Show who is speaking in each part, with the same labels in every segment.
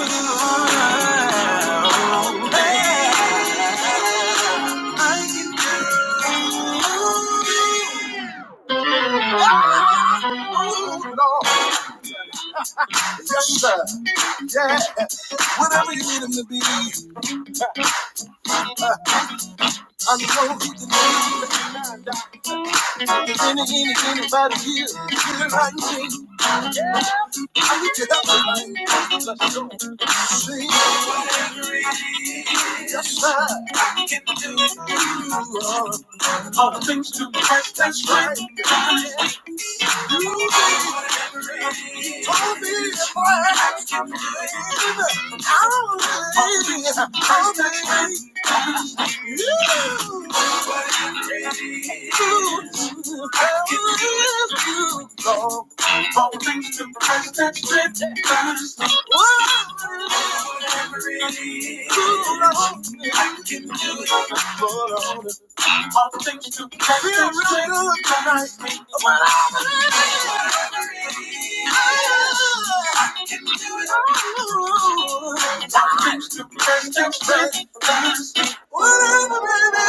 Speaker 1: Yes, sir. Yeah. Whatever you need him to be, uh, I know he can be. If any, any, anybody here, feeling like me, I need your help tonight. Let's go see. Yes, sir. Yes, that's right. You told me before I had you, baby. Oh, baby. Oh, baby. All things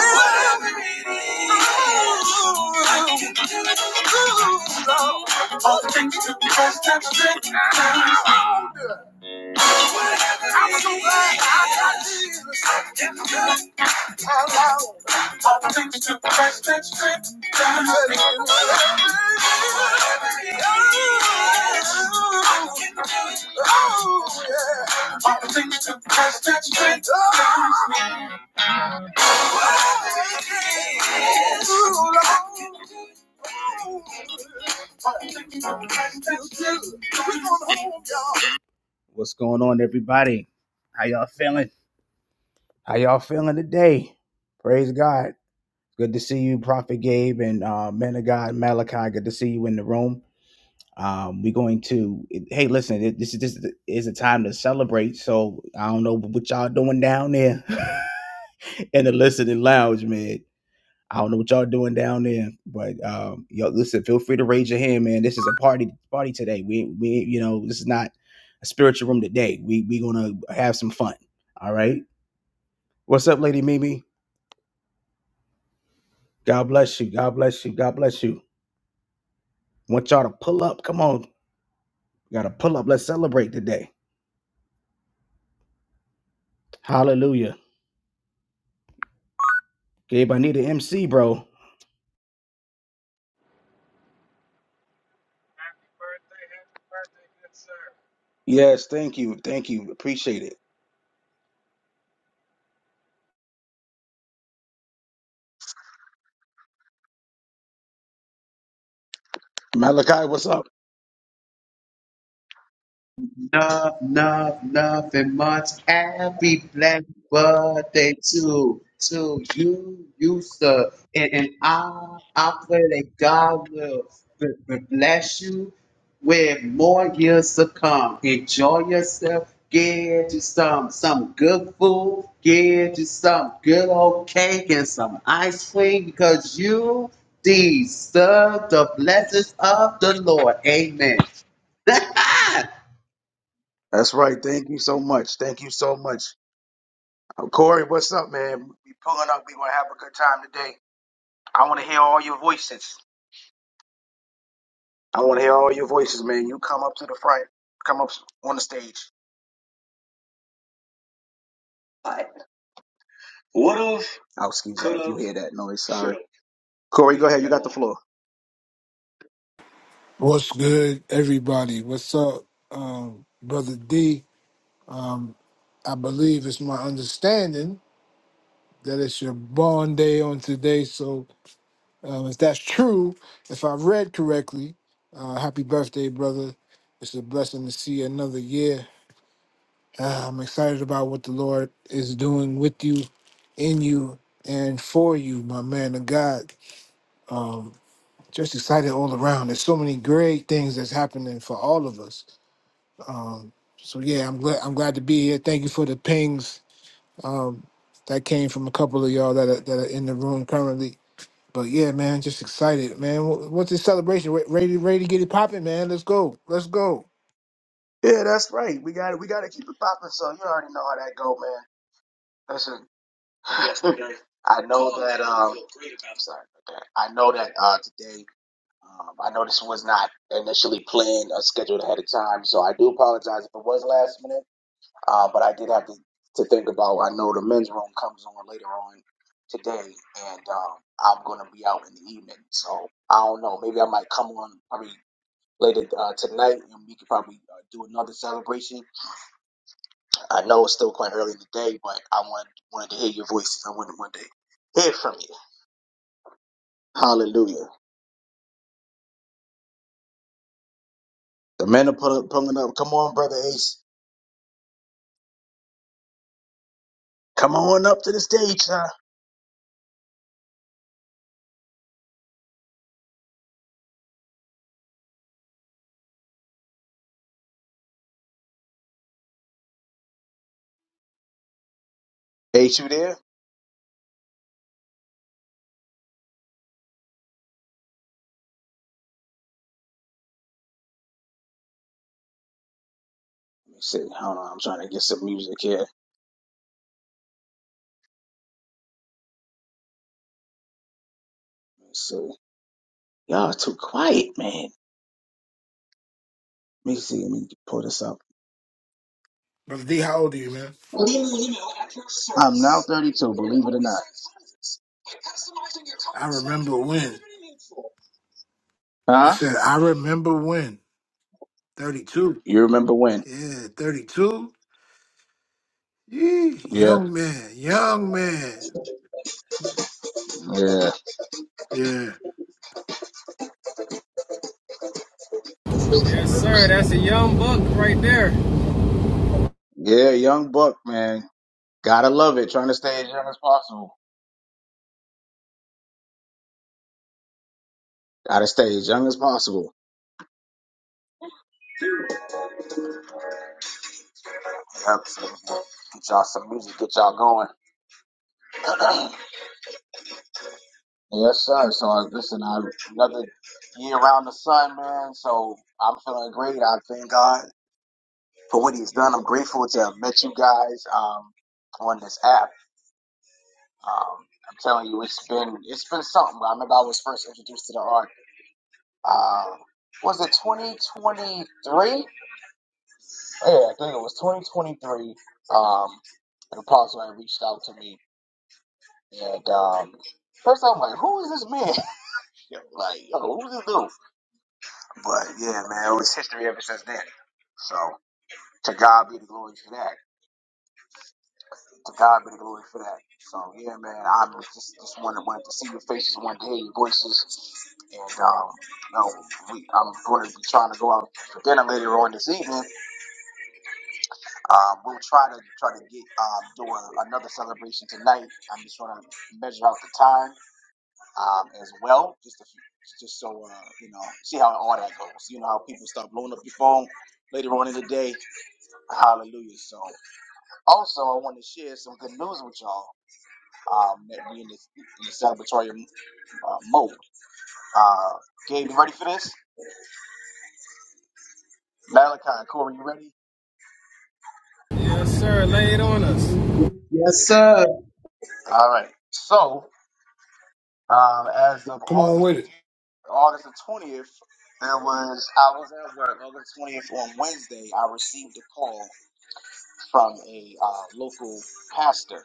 Speaker 1: to All things to the best that's good. I'm so glad I got All things to the best that's good. All things to the best that's good. All things to the best that's good. What's going on, everybody? How y'all feeling? How y'all feeling today? Praise God. Good to see you, Prophet Gabe and uh, man of God Malachi. Good to see you in the room. Um, we're going to. Hey, listen, it- this is this is a time to celebrate. So I don't know what y'all doing down there in the listening lounge, man. I don't know what y'all doing down there, but um, yo, listen, feel free to raise your hand, man. This is a party party today. We we you know this is not a spiritual room today. We we gonna have some fun. All right. What's up, Lady Mimi? God bless you. God bless you. God bless you. Want y'all to pull up. Come on, gotta pull up. Let's celebrate today. Hallelujah. Gabe, I need an MC, bro.
Speaker 2: Happy birthday, happy
Speaker 1: Yes, thank you, thank you. Appreciate it. Malachi, what's up?
Speaker 3: No, no, nothing much. Happy black birthday to to you, you sir. And, and I I pray that God will b- b- bless you with more years to come. Enjoy yourself. Get you some some good food. Get you some good old cake and some ice cream because you deserve the blessings of the Lord. Amen.
Speaker 1: That's right. Thank you so much. Thank you so much. Corey, what's up, man? We pulling up. We gonna have a good time today. I want to hear all your voices. I want to hear all your voices, man. You come up to the front. Come up on the stage. What? Oh, excuse me. If you hear that noise, sorry. Corey, go ahead. You got the floor.
Speaker 4: What's good, everybody? What's up, um, brother D? Um, I believe it's my understanding that it's your born day on today. So, um, if that's true, if I read correctly, uh, happy birthday, brother! It's a blessing to see another year. Uh, I'm excited about what the Lord is doing with you, in you, and for you, my man of God. Um, just excited all around. There's so many great things that's happening for all of us Um, so yeah, I'm glad I'm glad to be here. Thank you for the pings um, that came from a couple of y'all that are, that are in the room currently. But yeah, man, just excited, man. Wh- What's this celebration? Re- Ready, ready to get it popping, man. Let's go, let's go.
Speaker 1: Yeah, that's right. We got to We got to keep it popping. So you already know how that go, man. Listen. Yesterday, I know that. Um, I'm sorry. about that. I know that uh, today. Um, I know this was not initially planned or scheduled ahead of time, so I do apologize if it was last minute. Uh, but I did have to, to think about. I know the men's room comes on later on today, and um, I'm going to be out in the evening, so I don't know. Maybe I might come on probably later uh, tonight, and we could probably uh, do another celebration. I know it's still quite early in the day, but I wanted wanted to hear your voices. I wanted wanted to hear from you. Hallelujah. The men are pull, pulling up. Come on, brother Ace. Come on up to the stage, huh? Ace, you there? Let me see. Hold on. I'm trying to get some music here. Let me see. Y'all too quiet, man. Let me see. Let me pull this up.
Speaker 4: Brother D, how old are you, man?
Speaker 1: I'm now 32. Believe it or not.
Speaker 4: I remember when. I
Speaker 1: Huh?
Speaker 4: said I remember when. Thirty-two.
Speaker 1: You remember when?
Speaker 4: Yeah, thirty-two. Yee,
Speaker 1: Yeah,
Speaker 4: young man, young man.
Speaker 1: yeah,
Speaker 4: Yeah,
Speaker 2: birthday, good sir. Yes, sir. That's a young buck right there.
Speaker 1: yeah. Young buck, man. Gotta love it. Trying to stay as young as possible. Gotta stay as young as possible. Yep. Get y'all some music. Get y'all going. yes, sir. So uh, listen, I another year around the sun, man. So I'm feeling great. I thank God. for what he's done. I'm grateful to have met you guys um, on this app. Um, I'm telling you, it's been it's been something. I remember I was first introduced to the art. Uh, was it 2023? Yeah, I think it was 2023. Um, an apostle had reached out to me, and um, first I'm like, "Who is this man?" like, yo, who's this dude? But yeah, man, it was history ever since then. So to God be the glory for that. To God be the glory for that. So yeah, man, I just just wanted wanted to see your faces, wanted to hear your voices, and um, you know, we I'm going to be trying to go out for dinner later on this evening. Um, we'll try to try to get um do a, another celebration tonight. I'm just trying to measure out the time um as well, just to, just so uh you know see how all that goes. You know how people start blowing up your phone later on in the day. Hallelujah. So also I want to share some good news with y'all. um, that we in this, in this celebratory uh, mode. Uh, Gabe, you ready for this? Malachi, Corey, you ready?
Speaker 2: Yes, sir. Lay it on us.
Speaker 3: Yes, sir.
Speaker 1: All right. So, um, as of
Speaker 4: come on
Speaker 1: August
Speaker 4: with it.
Speaker 1: August the twentieth, there was I was at work. August twentieth on Wednesday, I received a call from a uh, local pastor,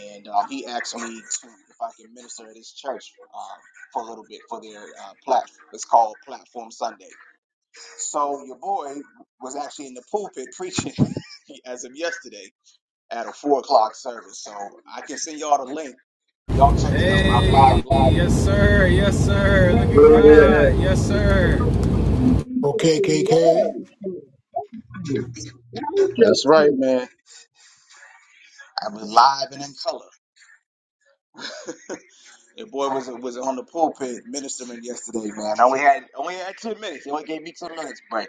Speaker 1: and um, he asked me to if I could minister at his church uh, for a little bit for their uh, platform. It's called Platform Sunday So your boy was actually in the pulpit preaching as of yesterday at a four o'clock service. So I can send y'all the link. Y'all can
Speaker 2: Hey,
Speaker 1: check it out. I'm live
Speaker 2: yes,
Speaker 1: and
Speaker 2: sir. Yes, sir. Look at
Speaker 3: Praise
Speaker 1: Yeah,
Speaker 2: God. Yes, sir.
Speaker 4: Okay, K
Speaker 3: the
Speaker 4: K.
Speaker 3: Lord Jesus, Lord, for righteousness. Thank you,
Speaker 1: that's right,
Speaker 3: Jesus.
Speaker 1: man. I was live and in color. Your boy was was on the pulpit ministering yesterday, man. I only had only had ten minutes. He only gave me ten minutes, but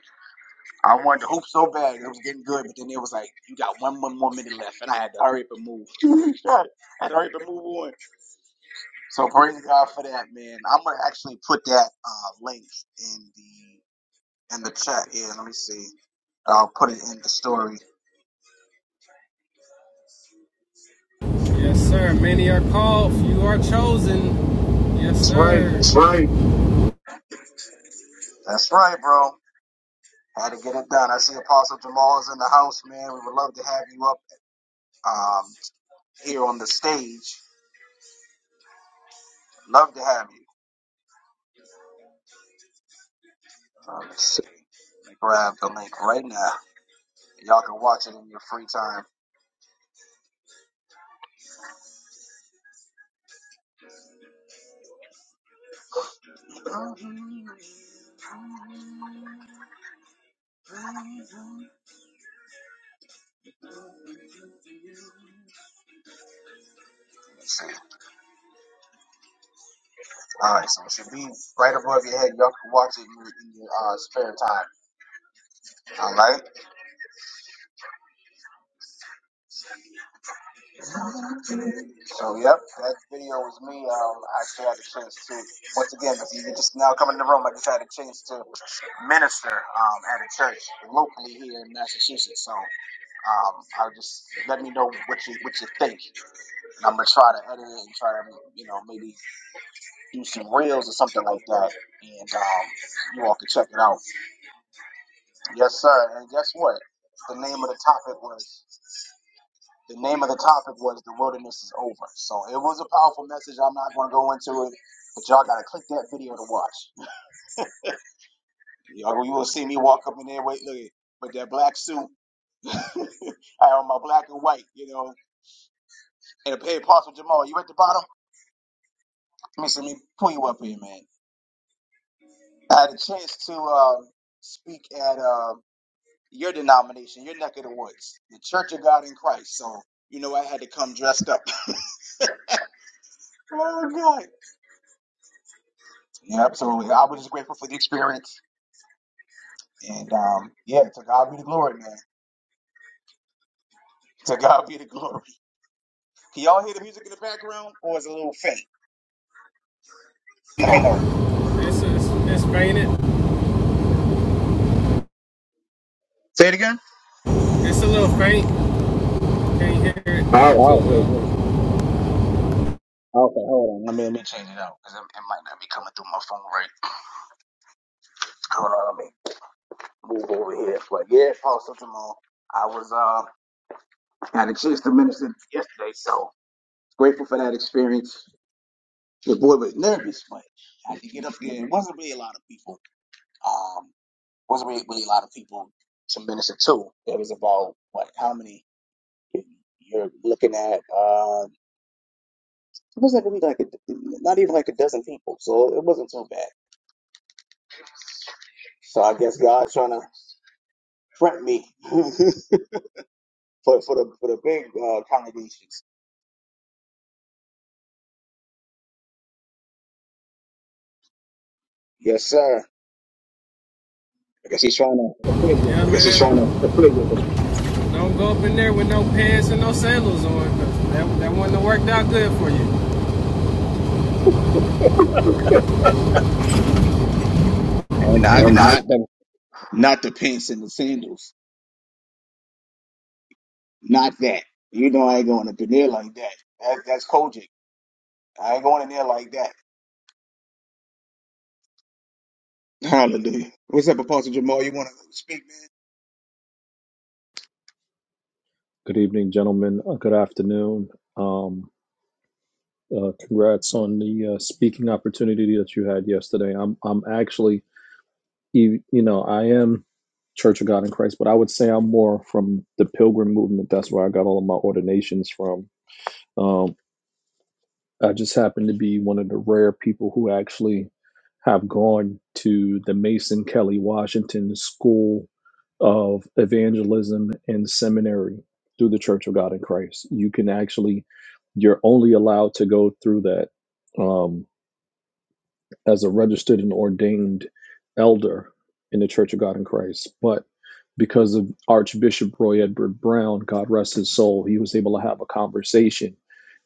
Speaker 1: I wanted to hoop so bad. It was getting good, but then it was like you got one more, more minute left, and I had to hurry up and move. I had to hurry up and move on. So praise God for that, man. I'm gonna actually put that uh, link in the in the chat. Yeah, let me see. I'll put it in the story.
Speaker 2: Yes, sir. Many are called, few are chosen. Yes,
Speaker 1: That's right.
Speaker 2: sir. That's right.
Speaker 1: That's right, bro. Had to get it done. I see Apostle Jamal is in the house, man. We would love to have you up um, here on the stage. Love to have you. Uh, let's see. Let me grab the link right now. Y'all can watch it in your free time. let Let's see. All right, so it should be right above your head. Y'all can watch it in your, in your uh, spare time. All right. So, yep, that video was me. Um, I actually had a chance to, once again, if you're just now coming in the room, I just had a chance to minister um, at a church locally here in Massachusetts. So, um, I will just let me know what you what you think, and I'm gonna try to edit it and try to, you know, maybe do some reels or something like that, and um, you all can check it out. Yes, sir. And guess what? The name of the topic was. The name of the topic was The Wilderness is Over. So it was a powerful message. I'm not going to go into it, but y'all got to click that video to watch. Y'all, you will see me walk up in there, wait, look, at with that black suit. I on my black and white, you know. And hey, Apostle Jamal, you at the bottom? Let me see, let me pull you up here, man. I had a chance to uh, speak at uh, your denomination, your neck of the woods, the Church of God in Christ. So, you know, I had to come dressed up. oh, God. Yeah, absolutely. I was just grateful for the experience. And um, yeah, to God be the glory, man. To God be the glory. Can y'all hear the music in the background, or is it a little faint? Let me know.
Speaker 2: It's, it's, it's fainted.
Speaker 1: Say it again.
Speaker 2: It's a little faint. Can't hear it.
Speaker 1: Oh, okay,
Speaker 2: Wow.
Speaker 1: wait. Okay, hold on. Let me let me change it out because it it might not be coming through my phone right. Hold on, let me move over here. But yeah, Apostle Jamal, I was uh had a chance to minister yesterday, so grateful for that experience. The boy was nervous, but I had to get up there. It wasn't really a lot of people. Um, wasn't really, really a lot of people to minister to. It was about what? How many? You're looking at uh, it wasn't really like a, not even like a dozen people, so it wasn't too bad. So I guess God's trying to prep me for for the for the big uh, congregations. Yes, sir. I guess he's trying to prepare you
Speaker 2: Yeah, This
Speaker 1: there.
Speaker 2: is man. trying to Don't go up in there with no pants and no sandals on. That, that wouldn't have worked out good for you.
Speaker 1: And I
Speaker 2: And I.
Speaker 1: not the not the pants and the sandals, not that. You know I ain't going up in there like that. that that's Kojic. I ain't going in there like that. Hallelujah. What's up, Apostle Jamal? You want to speak,
Speaker 5: Good evening, gentlemen. Uh, Good afternoon. Um, uh, congrats on the uh, speaking opportunity that you had yesterday. I'm I'm actually you, you know I am Church of God in Christ, but I would say I'm more from the Pilgrim movement. That's where I got all of my ordinations from. Um, I just happen to be one of the rare people who actually have gone to the Mason Kelly Washington School of Evangelism and Seminary through the Church of God in Christ. You can actually, you're only allowed to go through that um, as a registered and ordained elder in the Church of God in Christ. But because of Archbishop Roy Edward Brown, God rest his soul, he was able to have a conversation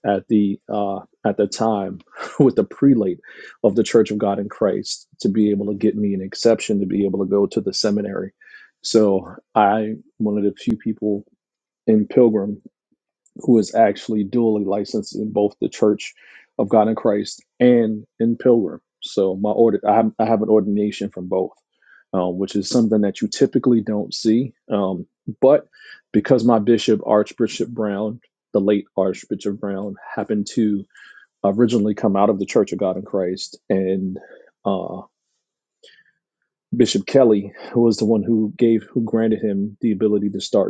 Speaker 5: at the uh, at the time with the prelate of the Church of God in Christ to be able to get me an exception to be able to go to the seminary. So I one of the few people in Pilgrim who is actually dually licensed in both the Church of God in Christ and in Pilgrim. So my order, I have, I have an ordination from both, uh, which is something that you typically don't see. Um, but because my bishop, Archbishop Brown, the late Archbishop Brown, happened to originally come out of the Church of God in Christ, and uh, Bishop Kelly, who was the one who gave, who granted him the ability to start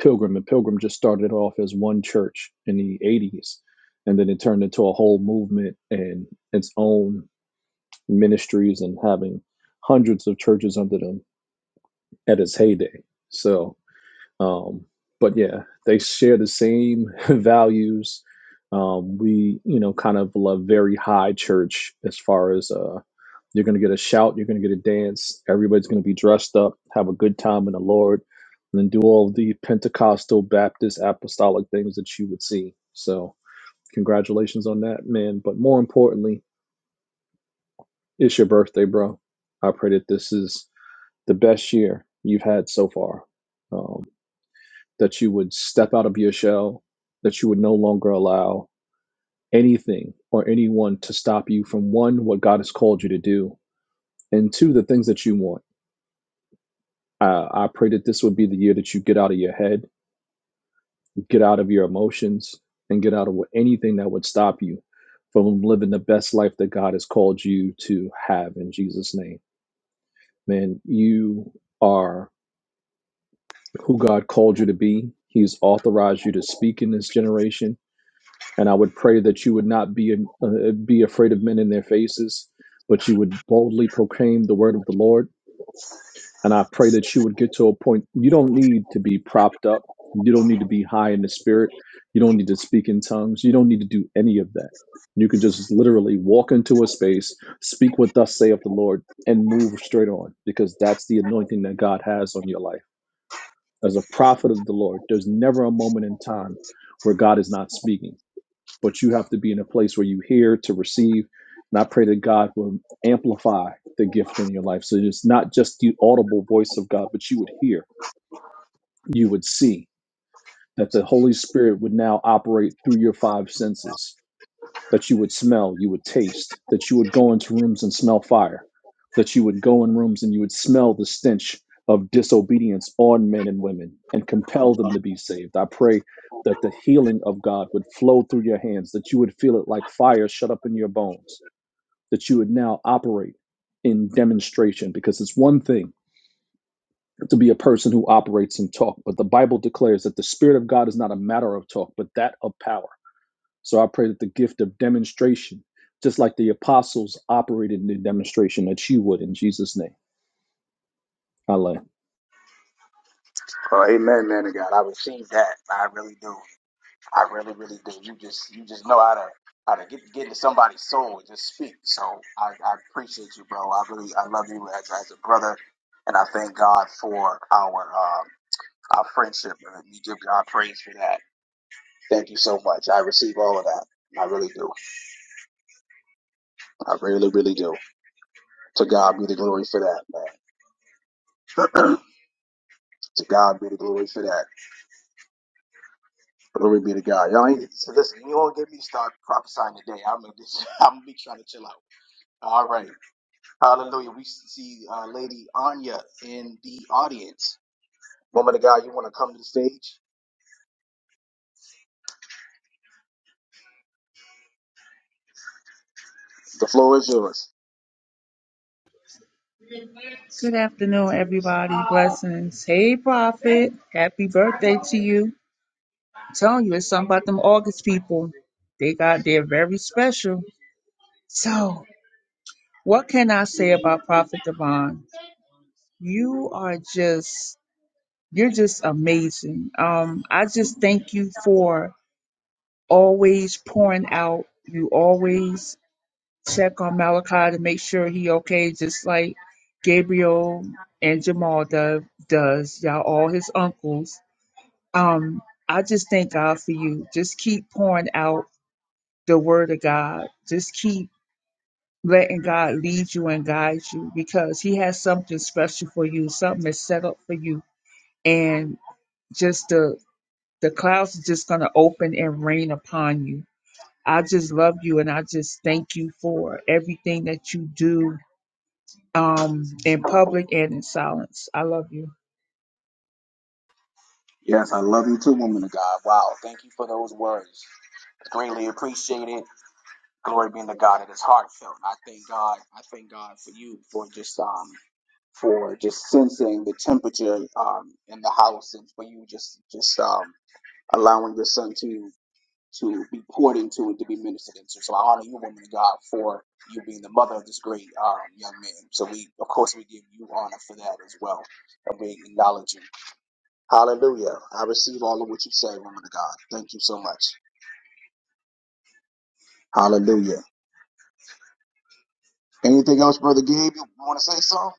Speaker 5: Pilgrim. And Pilgrim just started off as one church in the 80s, and then it turned into a whole movement and its own ministries and having hundreds of churches under them at its heyday. So, um, but yeah, they share the same values. Um, we, you know, kind of love very high church as far as uh, you're going to get a shout. You're going to get a dance. Everybody's going to be dressed up, have a good time in the Lord, and then do all the Pentecostal, Baptist, apostolic things that you would see. So, congratulations on that, man. But more importantly, it's your birthday, bro. I pray that this is the best year you've had so far. Um, that you would step out of your shell, that you would no longer allow anything or anyone to stop you from one, what God has called you to do, and two, the things that you want Uh, I pray that this would be the year that you get out of your head, get out of your emotions, and get out of anything that would stop you from living the best life that God has called you to have in Jesus' name. Man, you are who God called you to be. He's authorized you to speak in this generation. And I would pray that you would not be, uh, be afraid of men in their faces, but you would boldly proclaim the word of the Lord And I pray that you would get to a point you don't need to be propped up. You don't need to be high in the spirit. You don't need to speak in tongues. You don't need to do any of that. You can just literally walk into a space, speak what thus saith the Lord, and move straight on because that's the anointing that God has on your life. As a prophet of the Lord, there's never a moment in time where God is not speaking but you have to be in a place where you hear to receive. And I pray that God will amplify the gift in your life. So it's not just the audible voice of God, but you would hear, you would see that the Holy Spirit would now operate through your five senses that you would smell, you would taste, that you would go into rooms and smell fire, that you would go in rooms and you would smell the stench of disobedience on men and women and compel them
Speaker 1: man?
Speaker 5: to be saved. I pray that the healing of God would flow through your hands, that you would feel it like fire shut up in your bones, that you would now operate in demonstration, because it's one thing to be a person who operates in talk, but the Bible declares that the Spirit of God is not a matter of talk, but that of power so I pray that the gift of demonstration, just like the apostles operated in the demonstration, that you would in Jesus' name. I land.
Speaker 1: Oh, amen, man of God. I receive that. I really do. I really, really do. You just, you just know how to, how to get, get into somebody's soul and just speak. So I, I appreciate you, bro. I really, I love you as, as a brother, and I thank God for our, um, our friendship. And you give God praise for that. Thank you so much. I receive all of that. I really do. I really, really do. To God be the glory for that, man. to God be the glory for that. Glory be to God. Y'all ain't, so listen, you won't get me start prophesying today. I'm gonna, just, I'm gonna be trying to chill out. All right. Hallelujah. We see uh, Lady Anya in the audience. Woman of God, you want to come to the stage? The floor is yours.
Speaker 6: Good afternoon, everybody. Blessings. Hey, Prophet. Happy birthday to you. I'm telling you, it's something about them August people. They got, they're very special. So, what can I say about Prophet Devon? You are just, you're just amazing. Um, I just thank you for always pouring out. You always check on Malachi to make sure he okay, just like Gabriel and Jamal do, does. Y'all all his uncles um, I just thank God for you. Just keep pouring out the word of God. Just keep letting God lead you and guide you because He has something special for you. Something is set up for you, and just the the clouds are just gonna open and rain upon you. I just love you, and I just thank you for everything that you do um, in public and in silence. I love you.
Speaker 1: Yes, I love you too, woman of God. Wow. Thank you for those words. Greatly appreciate it. Glory be to God. It is heartfelt. I thank God. I thank God for you for just um for just sensing the temperature um in the house and for you just just um allowing your son to to be poured into and to be ministered into. So I honor you, woman of God, for you being the mother of this great um, young man. So we, of course, we give you honor for that as well, and we acknowledge you. Hallelujah. I receive all of what you say, woman of God. Thank you so much. Hallelujah. Anything else, brother Gabe? You want to say something?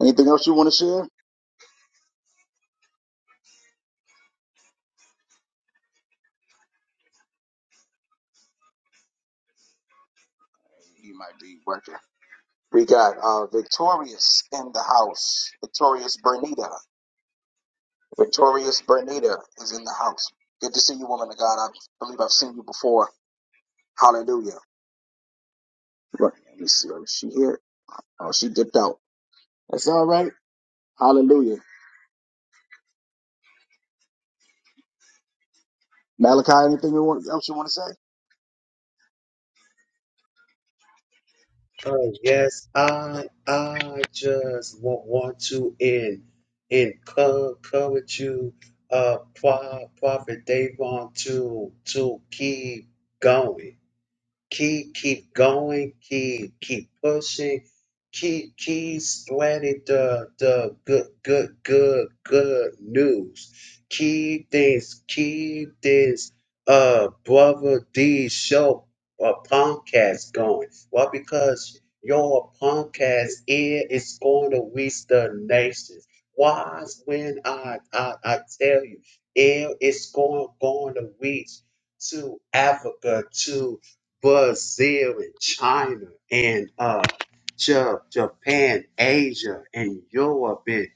Speaker 1: Anything else you want to share? You might be working. We got uh, Victorious in the house. Victorious Bernita. Victorious Bernita is in the house. Good to see you, woman of God. I believe I've seen you before Hallelujah. Right. Let me see. Is she here? Oh, she dipped out. That's all right. Hallelujah. Malachi, anything you want, else you want to say?
Speaker 3: Oh, yes, I I just want, want to en- encourage you, uh, Pro- Prophet Davon, to to keep going. keep keep going, keep keep pushing, keep keep spreading the the good good good good news. Keep this keep this uh brother D show or podcast going. Well, because your podcast ear is going to reach the nations. Why when I I, I tell you, it is going going to reach to Africa, to Brazil and China and uh, Ja- Japan, Asia and Europe and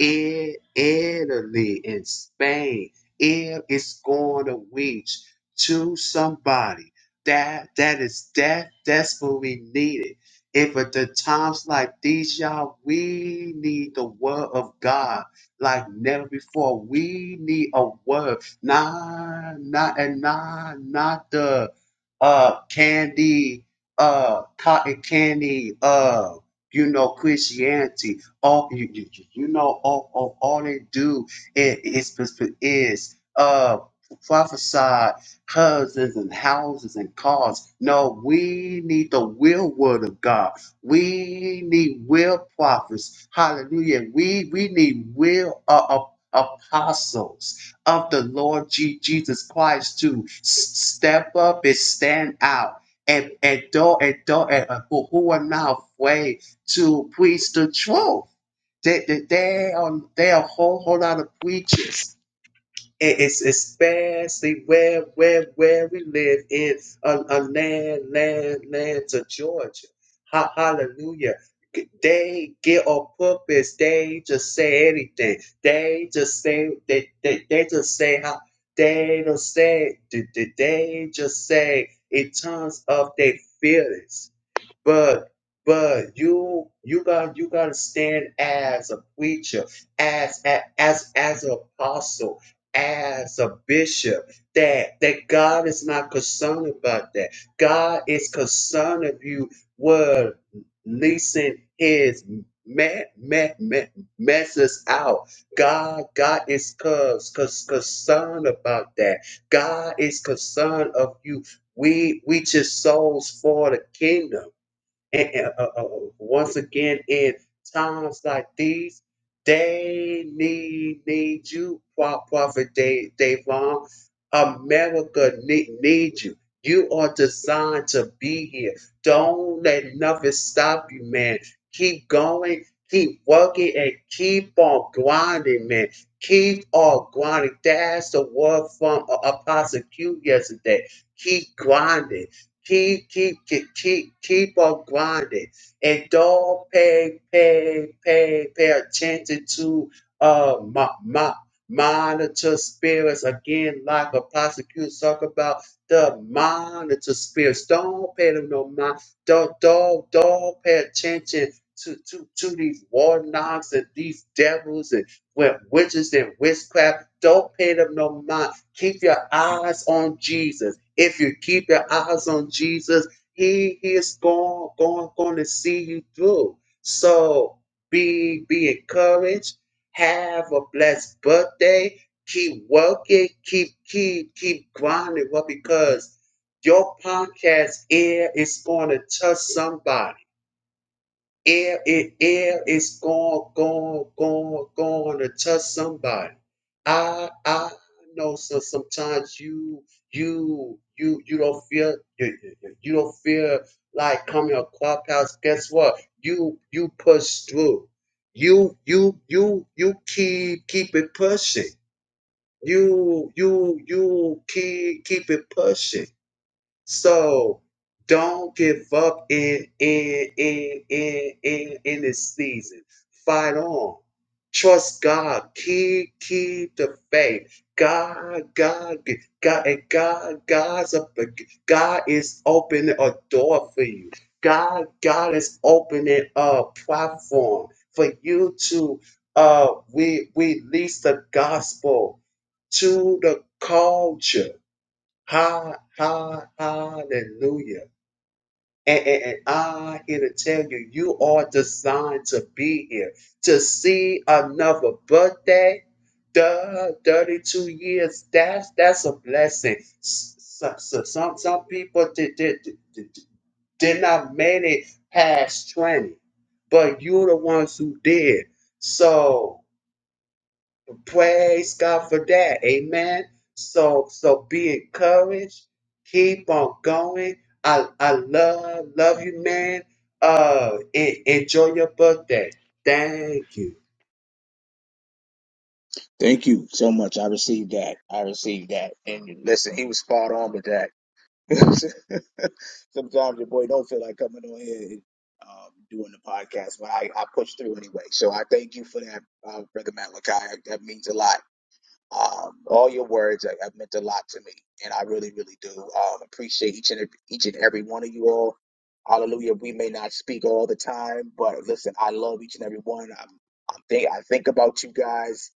Speaker 3: I- Italy and Spain. If It is going to reach to somebody that that is that desperately needed. If at the times like these, y'all, we need the word of God like never before. We need a word, not not and not not the uh candy uh cotton candy uh you know christianity all you, you, you you know all, all, all they do is is, is uh prophesy houses and houses and cars no we need the real word of god we need real prophets hallelujah we we need real uh, uh, apostles of the Lord Je- Jesus Christ to s- step up and stand out. And, and, don't, and, don't, and uh, who, who are not afraid to preach the truth. They, they, they are, they are a whole, whole lot of preachers and it's especially where where where we live in a, a land land land to Georgia. Ha- hallelujah. They get on purpose. They just say anything. They just say they they, they just say how they don't say they, they they just say in terms of their feelings. But but you you got you got to stand as a preacher, as a- as as an apostle, as a bishop. That that God is not concerned about that. God is concerned if you were leasing His me- me- me- messes out. God God is cons cuz concerned about that. God is concerned of you. We we just souls for the kingdom. And, and, uh, uh, uh, once again, in times like these, they need need you, Pro- Prophet Dave, Dave Long. America need, need you. You are designed to be here. Don't let nothing stop you, man. Keep going, keep working, and keep on grinding, man. Keep on grinding. That's the word from uh, Apostle Q yesterday. Keep grinding keep keep keep keep keep on grinding and don't pay pay pay pay attention to uh my, my monitor spirits again like a prosecutor talk about the monitor spirits don't pay them no mind don't don't don't pay attention to to to these warlocks and these devils and with witches and witchcraft. Don't pay them no mind. Keep your eyes on Jesus. If you keep your eyes on Jesus, He, he is going, going, going to see you through. So be be encouraged. Have a blessed birthday. Keep working. Keep keep keep grinding. Well, because your podcast air is going to touch somebody Air, it, air is going, going, going, going to touch somebody. I, I know. So sometimes you, you, you, you don't feel, you, you you don't feel like coming to clubhouse. Guess what? You, you push through. You, you, you, you keep, keep it pushing. You, you, you keep, keep it pushing. So don't give up in in in in in, in this season. Fight on. Trust God. Keep keep the faith. God, God, God, and God, God's up. God is opening a door for you. God, God is opening a platform for you to uh we we release the gospel to the culture Ha, ha, hallelujah. And, and, and I'm here to tell you, you are designed to be here, to see another birthday. Duh, 32 years, that's that's a blessing. Some, some, some some people did, did, did, did not make it past 20, but you're the ones who did. So, Praise God for that. Amen. So so be encouraged. Keep on going. I I love love you, man. Uh, en- enjoy your birthday. Thank you.
Speaker 1: Thank you so much. I received that. I received that. And listen, he was spot on with that. Sometimes your boy don't feel like coming on here and, um, doing the podcast, but I, I push through anyway. So I thank you for that, uh, Brother Malachi. That means a lot. Um, all your words have have meant a lot to me, and I really, really do um, appreciate each and every- each and every one of you all. Hallelujah. We may not speak all the time, but listen, I love each and every one. I'm, I'm think I think about you guys.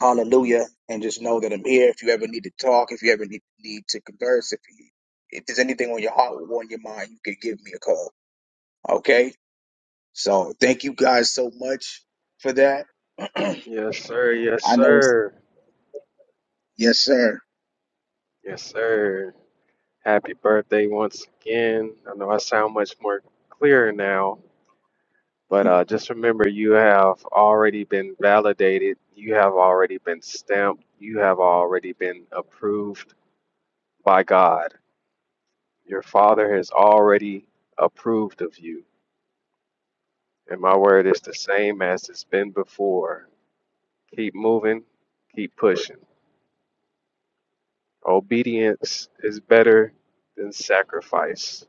Speaker 1: Hallelujah, and just know that I'm here. If you ever need to talk, if you ever need need to converse, if you if there's anything on your heart or on your mind, you can give me a call. Okay. So thank you guys so much for that. I
Speaker 2: Yes, sir. Yes,
Speaker 1: know it's
Speaker 2: sir.
Speaker 1: yes, sir.
Speaker 2: Yes, sir. Happy birthday once again. I know I sound much more clear now, but
Speaker 1: Mm.
Speaker 2: uh, just remember you have already been validated. You have already been stamped. You have already been approved by God. Your Father has already approved of you. And my word is the same as it's been before. Keep moving, keep pushing. Obedience is better than sacrifice.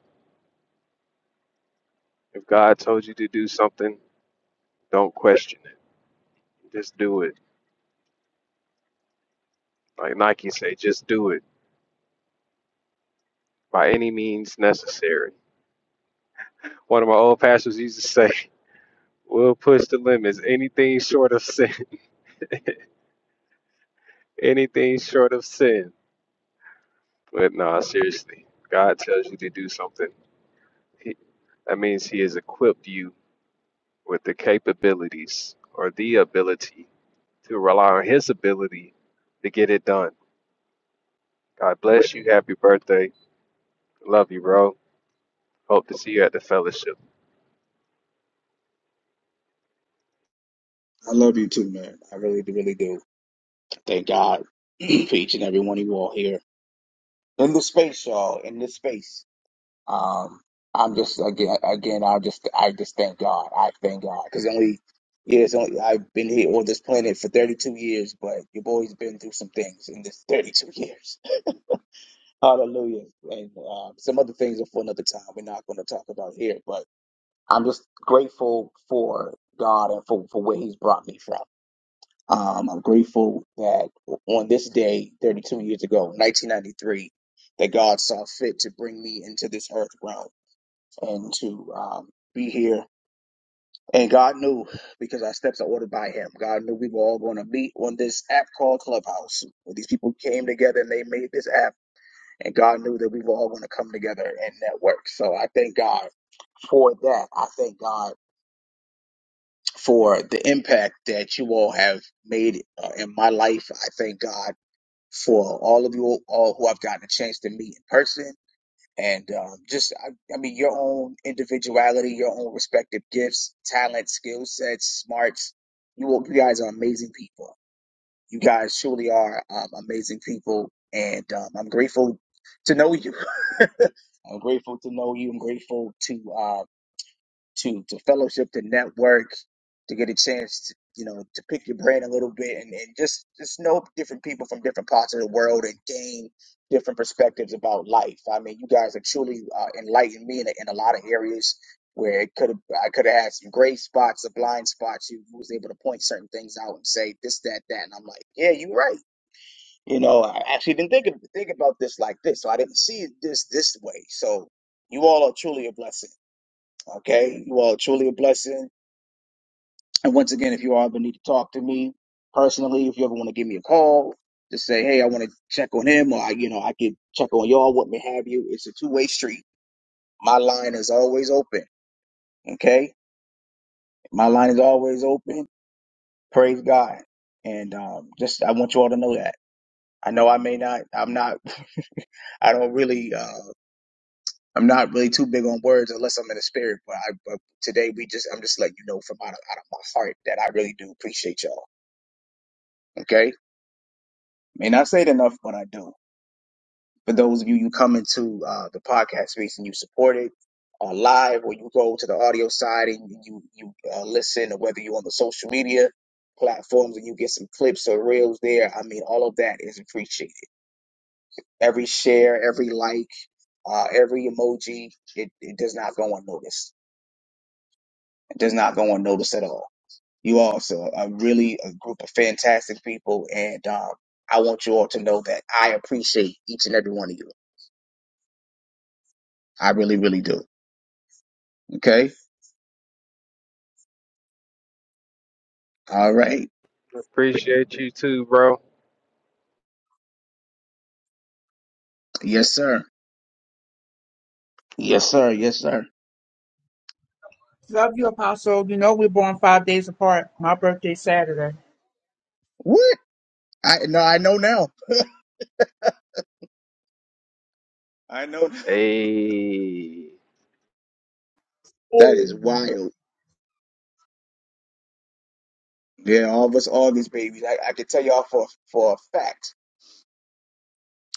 Speaker 2: If God told you to do something, don't question it. Just do it. Like Nike say, just do it by any means necessary. One of my old pastors used to say, "We'll push the limits. Anything short of sin. Anything short of sin." But no, nah, seriously, God tells you to do something. He, that means He has equipped you with the capabilities or the ability to rely on His ability to get it done. God bless you. Happy birthday. Love you, bro. Hope to see you at the fellowship.
Speaker 1: I love you too, man. I really, do, really do. Thank God for each and every one of you all here in the space, y'all. In this space, um, I'm just again, again, I just, I just thank God. I thank God because only, yeah, it's only I've been here on this planet for 32 years, but your boy's been through some things in this 32 years. Hallelujah. And um, some other things are for another time. We're not going to talk about here, but I'm just grateful for God and for for where He's brought me from. Um, I'm grateful that on this day, 32 years ago, 1993, that God saw fit to bring me into this earth realm and to um, be here. And God knew because our steps are ordered by Him. God knew we were all going to meet on this app called Clubhouse. Where these people came together and they made this app, and God knew that we were all going to come together and network. So I thank God for that. I thank God for the impact that you all have made uh, in my life. I thank God for all of you all who I've gotten a chance to meet in person. And um, just, I, I mean, your own individuality, your own respective gifts, talents, skill sets, smarts. You, all- you guys are amazing people. You guys truly are um, amazing people. And um, I'm grateful to know you. I'm grateful to know you. I'm grateful to. uh, to to fellowship, to network, to get a chance to you know to pick your brain a little bit and, and just just know different people from different parts of the world and gain different perspectives about life. I mean, you guys have truly uh, enlightened me in a, in a lot of areas where it could have I could have had some gray spots or blind spots. You was able to point certain things out and say this, that, that, and I'm like, yeah, you're right. You know, I actually didn't think of, think about this like this, so I didn't see it this this way. So you all are truly a blessing. Okay. You all are truly a blessing. And once again, if you all ever need to talk to me personally, if you ever want to give me a call, just say, hey, I want to check on him or, I, you know, I could check on y'all, what may have you. It's a two-way street. My line is always open. Okay. My line is always open. Praise God. And um, just, I want you all to know that. I know I may not, I'm not, I don't really, uh, I'm not really too big on words unless I'm in the spirit, but I, but today we just, I'm just letting you know from out of, out of my heart that I really do appreciate y'all Okay? And I say it enough, but I do. For those of you you come into uh, the podcast space and you support it on live, or you go to the audio side and you you uh, listen, or whether you're on the social media platforms and you get some clips or reels there, I mean, all of that is appreciated. Every share, every like, uh, every emoji, it, it does not go unnoticed. It does not go unnoticed at all. You also are really a group of fantastic people, and um, I want you all to know that I appreciate each and every one of you. I really, really do. Okay. All right.
Speaker 2: Appreciate you too, bro.
Speaker 1: Yes, sir. Yes, sir. Yes, sir.
Speaker 6: Love you, Apostle. You know we're born five days apart. My birthday Saturday.
Speaker 1: What? I no, I know now. I know.
Speaker 2: Hey,
Speaker 1: That
Speaker 6: Oh.
Speaker 1: is wild. Yeah, all of us August babies. I, I can tell y'all for for a fact.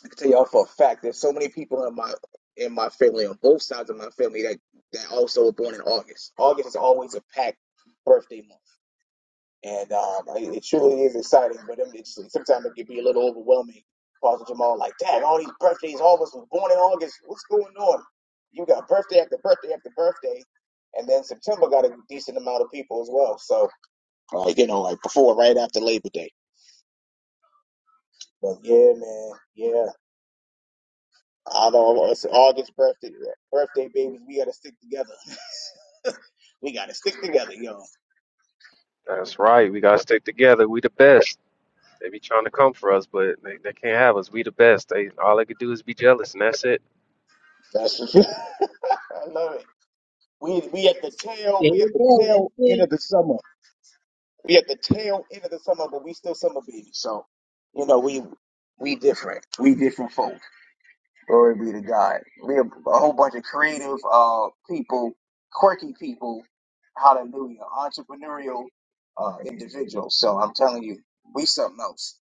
Speaker 1: I can tell y'all for a fact. There's so many people in my in my family on both sides of my family that that also were born in August. August is always a packed birthday month. And um, I- it truly is exciting, but I mean, it's, sometimes it can be a little overwhelming. Paul's Jamal, like, damn, all these birthdays, all of us was born in August. What's going on? You got birthday after birthday after birthday. And then September got a decent amount of people as well. So, like, you know, like before, right after Labor Day. But yeah, man, yeah. I know it's August birthday, birthday babies. We gotta stick together. We gotta stick together, yo.
Speaker 2: that's right. We gotta stick together. We the best. They be trying to come for us, but they, they can't have us. We the best. They all they could do is be jealous, and that's it.
Speaker 1: That's I love it. We we at the tail,
Speaker 6: There
Speaker 1: we at
Speaker 6: you
Speaker 1: the
Speaker 6: go.
Speaker 1: tail
Speaker 6: That's
Speaker 1: end
Speaker 6: it.
Speaker 1: of the summer. We at the tail end of the summer, but we still summer babies. So, you know, we we different. We different folk. Glory be to God. We a, a whole bunch of creative uh people, quirky people. Hallelujah. Entrepreneurial uh individuals. So I'm telling you, we something else.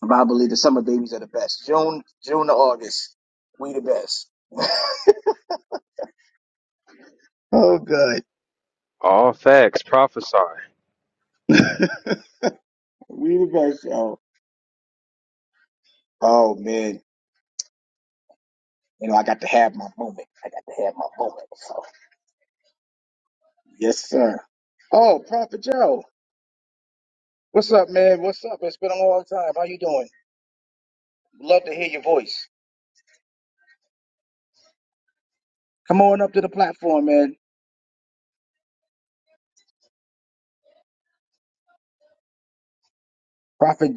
Speaker 1: But I believe the summer babies are the best. June, June to August, we the best.
Speaker 2: All facts. Prophesy.
Speaker 1: We the best, yo. Oh man. You know, I got to have my moment. I got to have my moment. So, yes, sir. Oh, Prophet Joe. What's up, man? What's up? It's been a long time. How you doing? Love to hear your voice. Come on up to the platform, man. Prophet,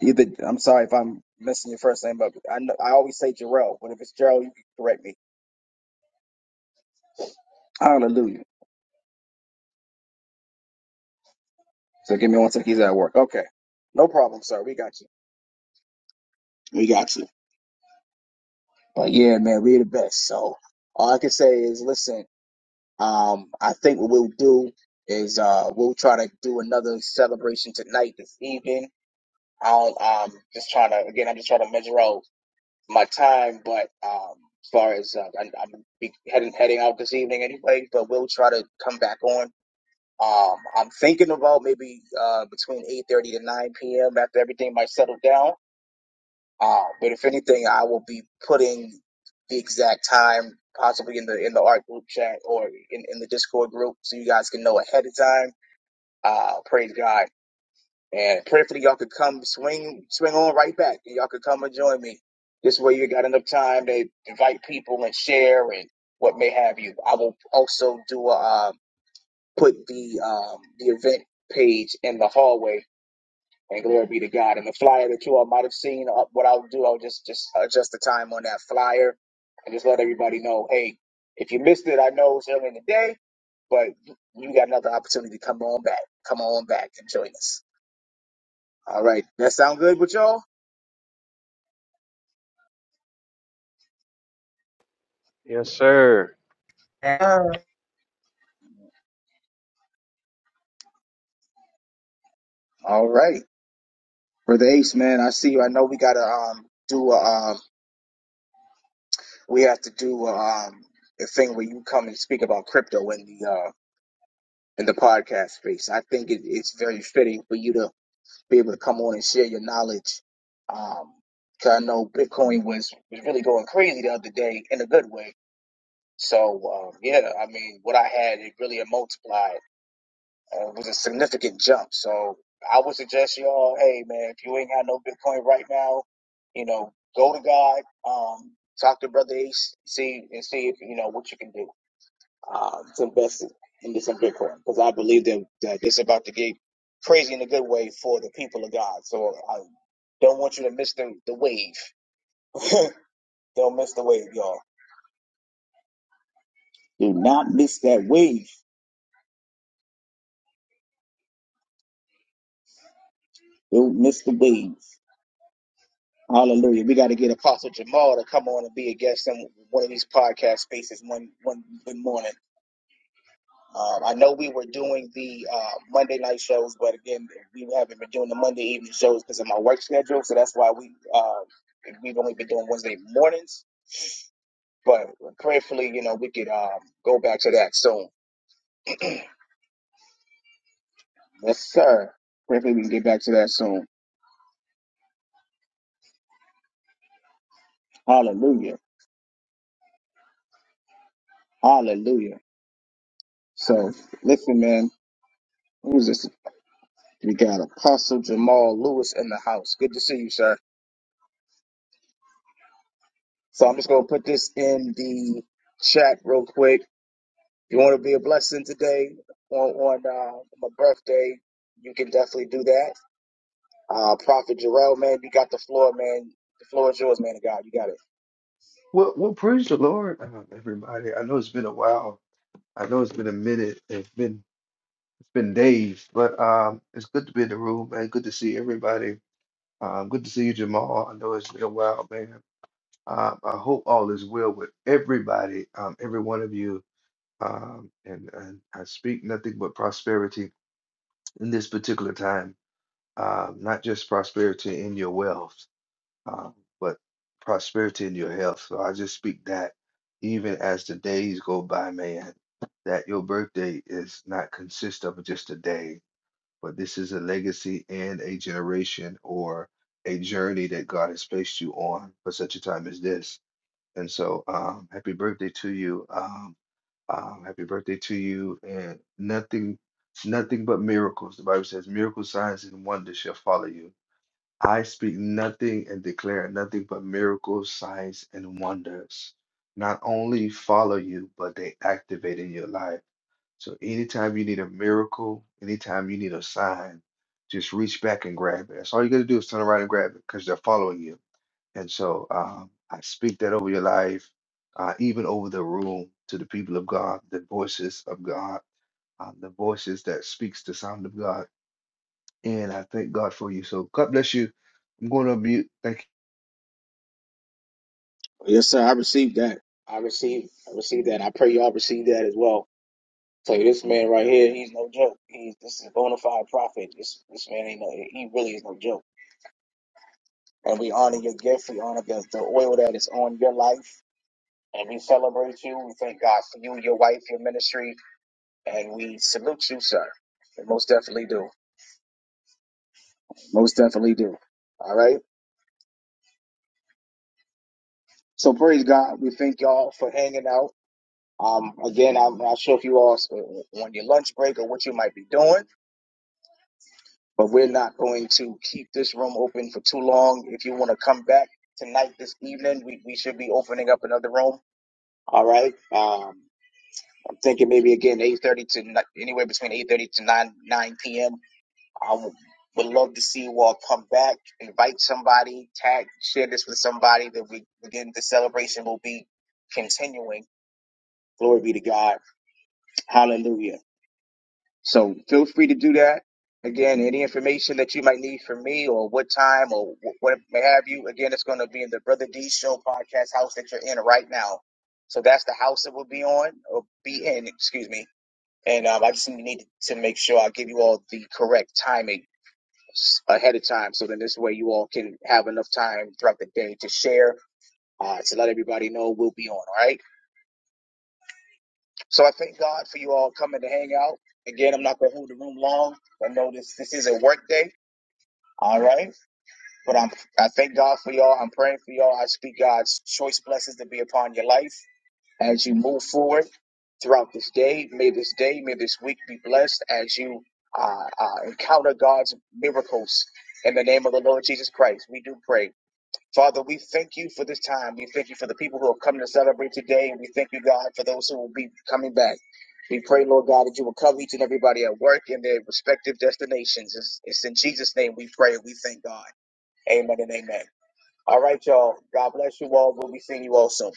Speaker 1: either I'm sorry if I'm messing your first name up. I know, I always say Jarrell, but if it's Jarrell, you can correct me. Hallelujah. So give me one second. He's at work. Okay, no problem, sir. We got you. We got you. But yeah, man, we are the best. So all I can say is, listen. Um, I think what we'll do is uh we'll try to do another celebration tonight this evening. I'll um just trying to again. I'm just trying to measure out. my time, but um, as far as uh, I, I'm be heading heading out this evening anyway, but we'll try to come back on. Um, I'm thinking about maybe uh, between 8:30 to 9 p.m. after everything might settle down. Uh, but if anything, I will be putting the exact time possibly in the in the art group chat or in, in the Discord group so you guys can know ahead of time. Uh, praise God. And prayerfully, y'all could come swing swing on right back. Y'all could come and join me. This way, you got enough time to invite people and share and what may have you. I will also do a, uh, put the um, the event page in the hallway. And glory be to God. And the flyer that you all might have seen, uh, what I'll do, I'll just just adjust the time on that flyer and just let everybody know, hey, if you missed it, I know it's early in the day, but you got another opportunity to come on back. Come on back and join us. All right. That sound good with y'all?
Speaker 2: Yes, sir.
Speaker 1: All right. Brother Ace, man, I see you. I know we gotta um do a um we have to do a, um a thing where you come and speak about crypto in the uh in the podcast space. I think it, it's very fitting for you to be able to come on and share your knowledge. Um 'cause I know Bitcoin was, was really going crazy the other day in a good way. So um yeah, I mean what I had it really multiplied Uh, it was a significant jump. So I would suggest y'all, hey man, if you ain't got no Bitcoin right now, you know, go to God, um, talk to Brother Ace, see and see if you know what you can do um, to invest in- into some Bitcoin because I believe that that it's about to get crazy in a good way for the people of God. So I don't want you to miss the the wave. don't miss the wave, y'all. Do not miss that wave. Don't miss the wave. Hallelujah. We got to get Apostle Jamal to come on and be a guest in one of these podcast spaces one one one morning. Um, I know we were doing the uh, Monday night shows, but again, we haven't been doing the Monday evening shows because of my work schedule. So that's why we uh, we've only been doing Wednesday mornings. But prayerfully, you know, we could um, go back to that soon. Yes, sir. Prayerfully, we can get back to that soon. Hallelujah. Hallelujah. So listen, man. Who's this? We got Apostle Jamal Lewis in the house. Good to see you, sir. So I'm just going to put this in the chat real quick. You want to be a blessing today on, on uh, my birthday? You can definitely do that. Uh, Prophet Jarrell, man, you got the floor, man. The floor is yours, man of God. You got it.
Speaker 7: Well, well, praise the Lord, um, everybody. I know it's been a while. I know it's been a minute. It's been it's been days, but um, it's good to be in the room, man. Good to see everybody. Um, good to see you, Jamal. I know it's been a while, man. Um, I hope all is well with everybody, um, every one of you. Um, and, and I speak nothing but prosperity in this particular time. Um, not just prosperity in your wealth. um, but prosperity in your health. So I just speak that even as the days go by, man, that your birthday is not consist of just a day, but this is a legacy and a generation or a journey that God has placed you on for such a time as this. And so, um, happy birthday to you. Um, um, happy birthday to you. And nothing, nothing but miracles. The Bible says, miracle signs and wonders shall follow you I speak nothing and declare nothing but miracles, signs, and wonders. Not only follow you, but they activate in your life. So anytime you need a miracle, anytime you need a sign, just reach back and grab it. That's all you got to do is turn around and grab it because they're following you. And so um, I speak that over your life, uh, even over the room to the people of God, the voices of God, uh, the voices that speaks the sound of God and I thank God for you. So God bless you. I'm going to mute. Thank you.
Speaker 1: Yes, sir. I received that. I received. I received that. I pray y'all receive that as well. So this man right here, he's no joke. He's this is a bona fide prophet. This this man ain't no. He really is no joke. and we honor your gift. We honor the, the oil that is on your life, and we celebrate you. We thank God for you, your wife, your ministry, and we salute you, sir. We most definitely do. Most definitely do. All right. So praise God. We thank y'all for hanging out. Um, again, I'm not sure if you all s- uh, on your lunch break or what you might be doing, but we're not going to keep this room open for too long. If you want to come back tonight, this evening, we, we should be opening up another room. All right. Um, thinking maybe again 8:30 to ni- anywhere between 8:30 to 9 9 p.m. I w- would love to see you all come back, invite somebody, tag, share this with somebody. That we again the celebration will be continuing. Glory be to God. Hallelujah. So feel free to do that. Again, any information that you might need from me or what time or wh- what may have you, again, it's going to be in the Brother D Show podcast house that you're in right now. So that's the house that we'll be on or be in, excuse me and um, I just needed to make sure I give you all the correct timing ahead of time, so then this way you all can have enough time throughout the day to share, uh, to let everybody know we'll be on. All right. So I thank God for you all coming to hang out. Again, I'm not going to hold the room long. I know this this is a work day. All right, but I'm I thank God for y'all. I'm praying for y'all. I speak God's choice blessings to be upon your life. as you move forward throughout this day. May this day, may this week be blessed as you uh, uh, encounter God's miracles in the name of the Lord Jesus Christ. We do pray. Father, we thank you for this time. We thank you for the people who have come to celebrate today. And we thank you, God, for those who will be coming back. We pray, Lord God, that you will cover each and everybody at work in their respective destinations. It's, it's in Jesus' name we pray. We thank God. Amen and amen. All right, y'all. God bless you all. We'll be seeing you all soon.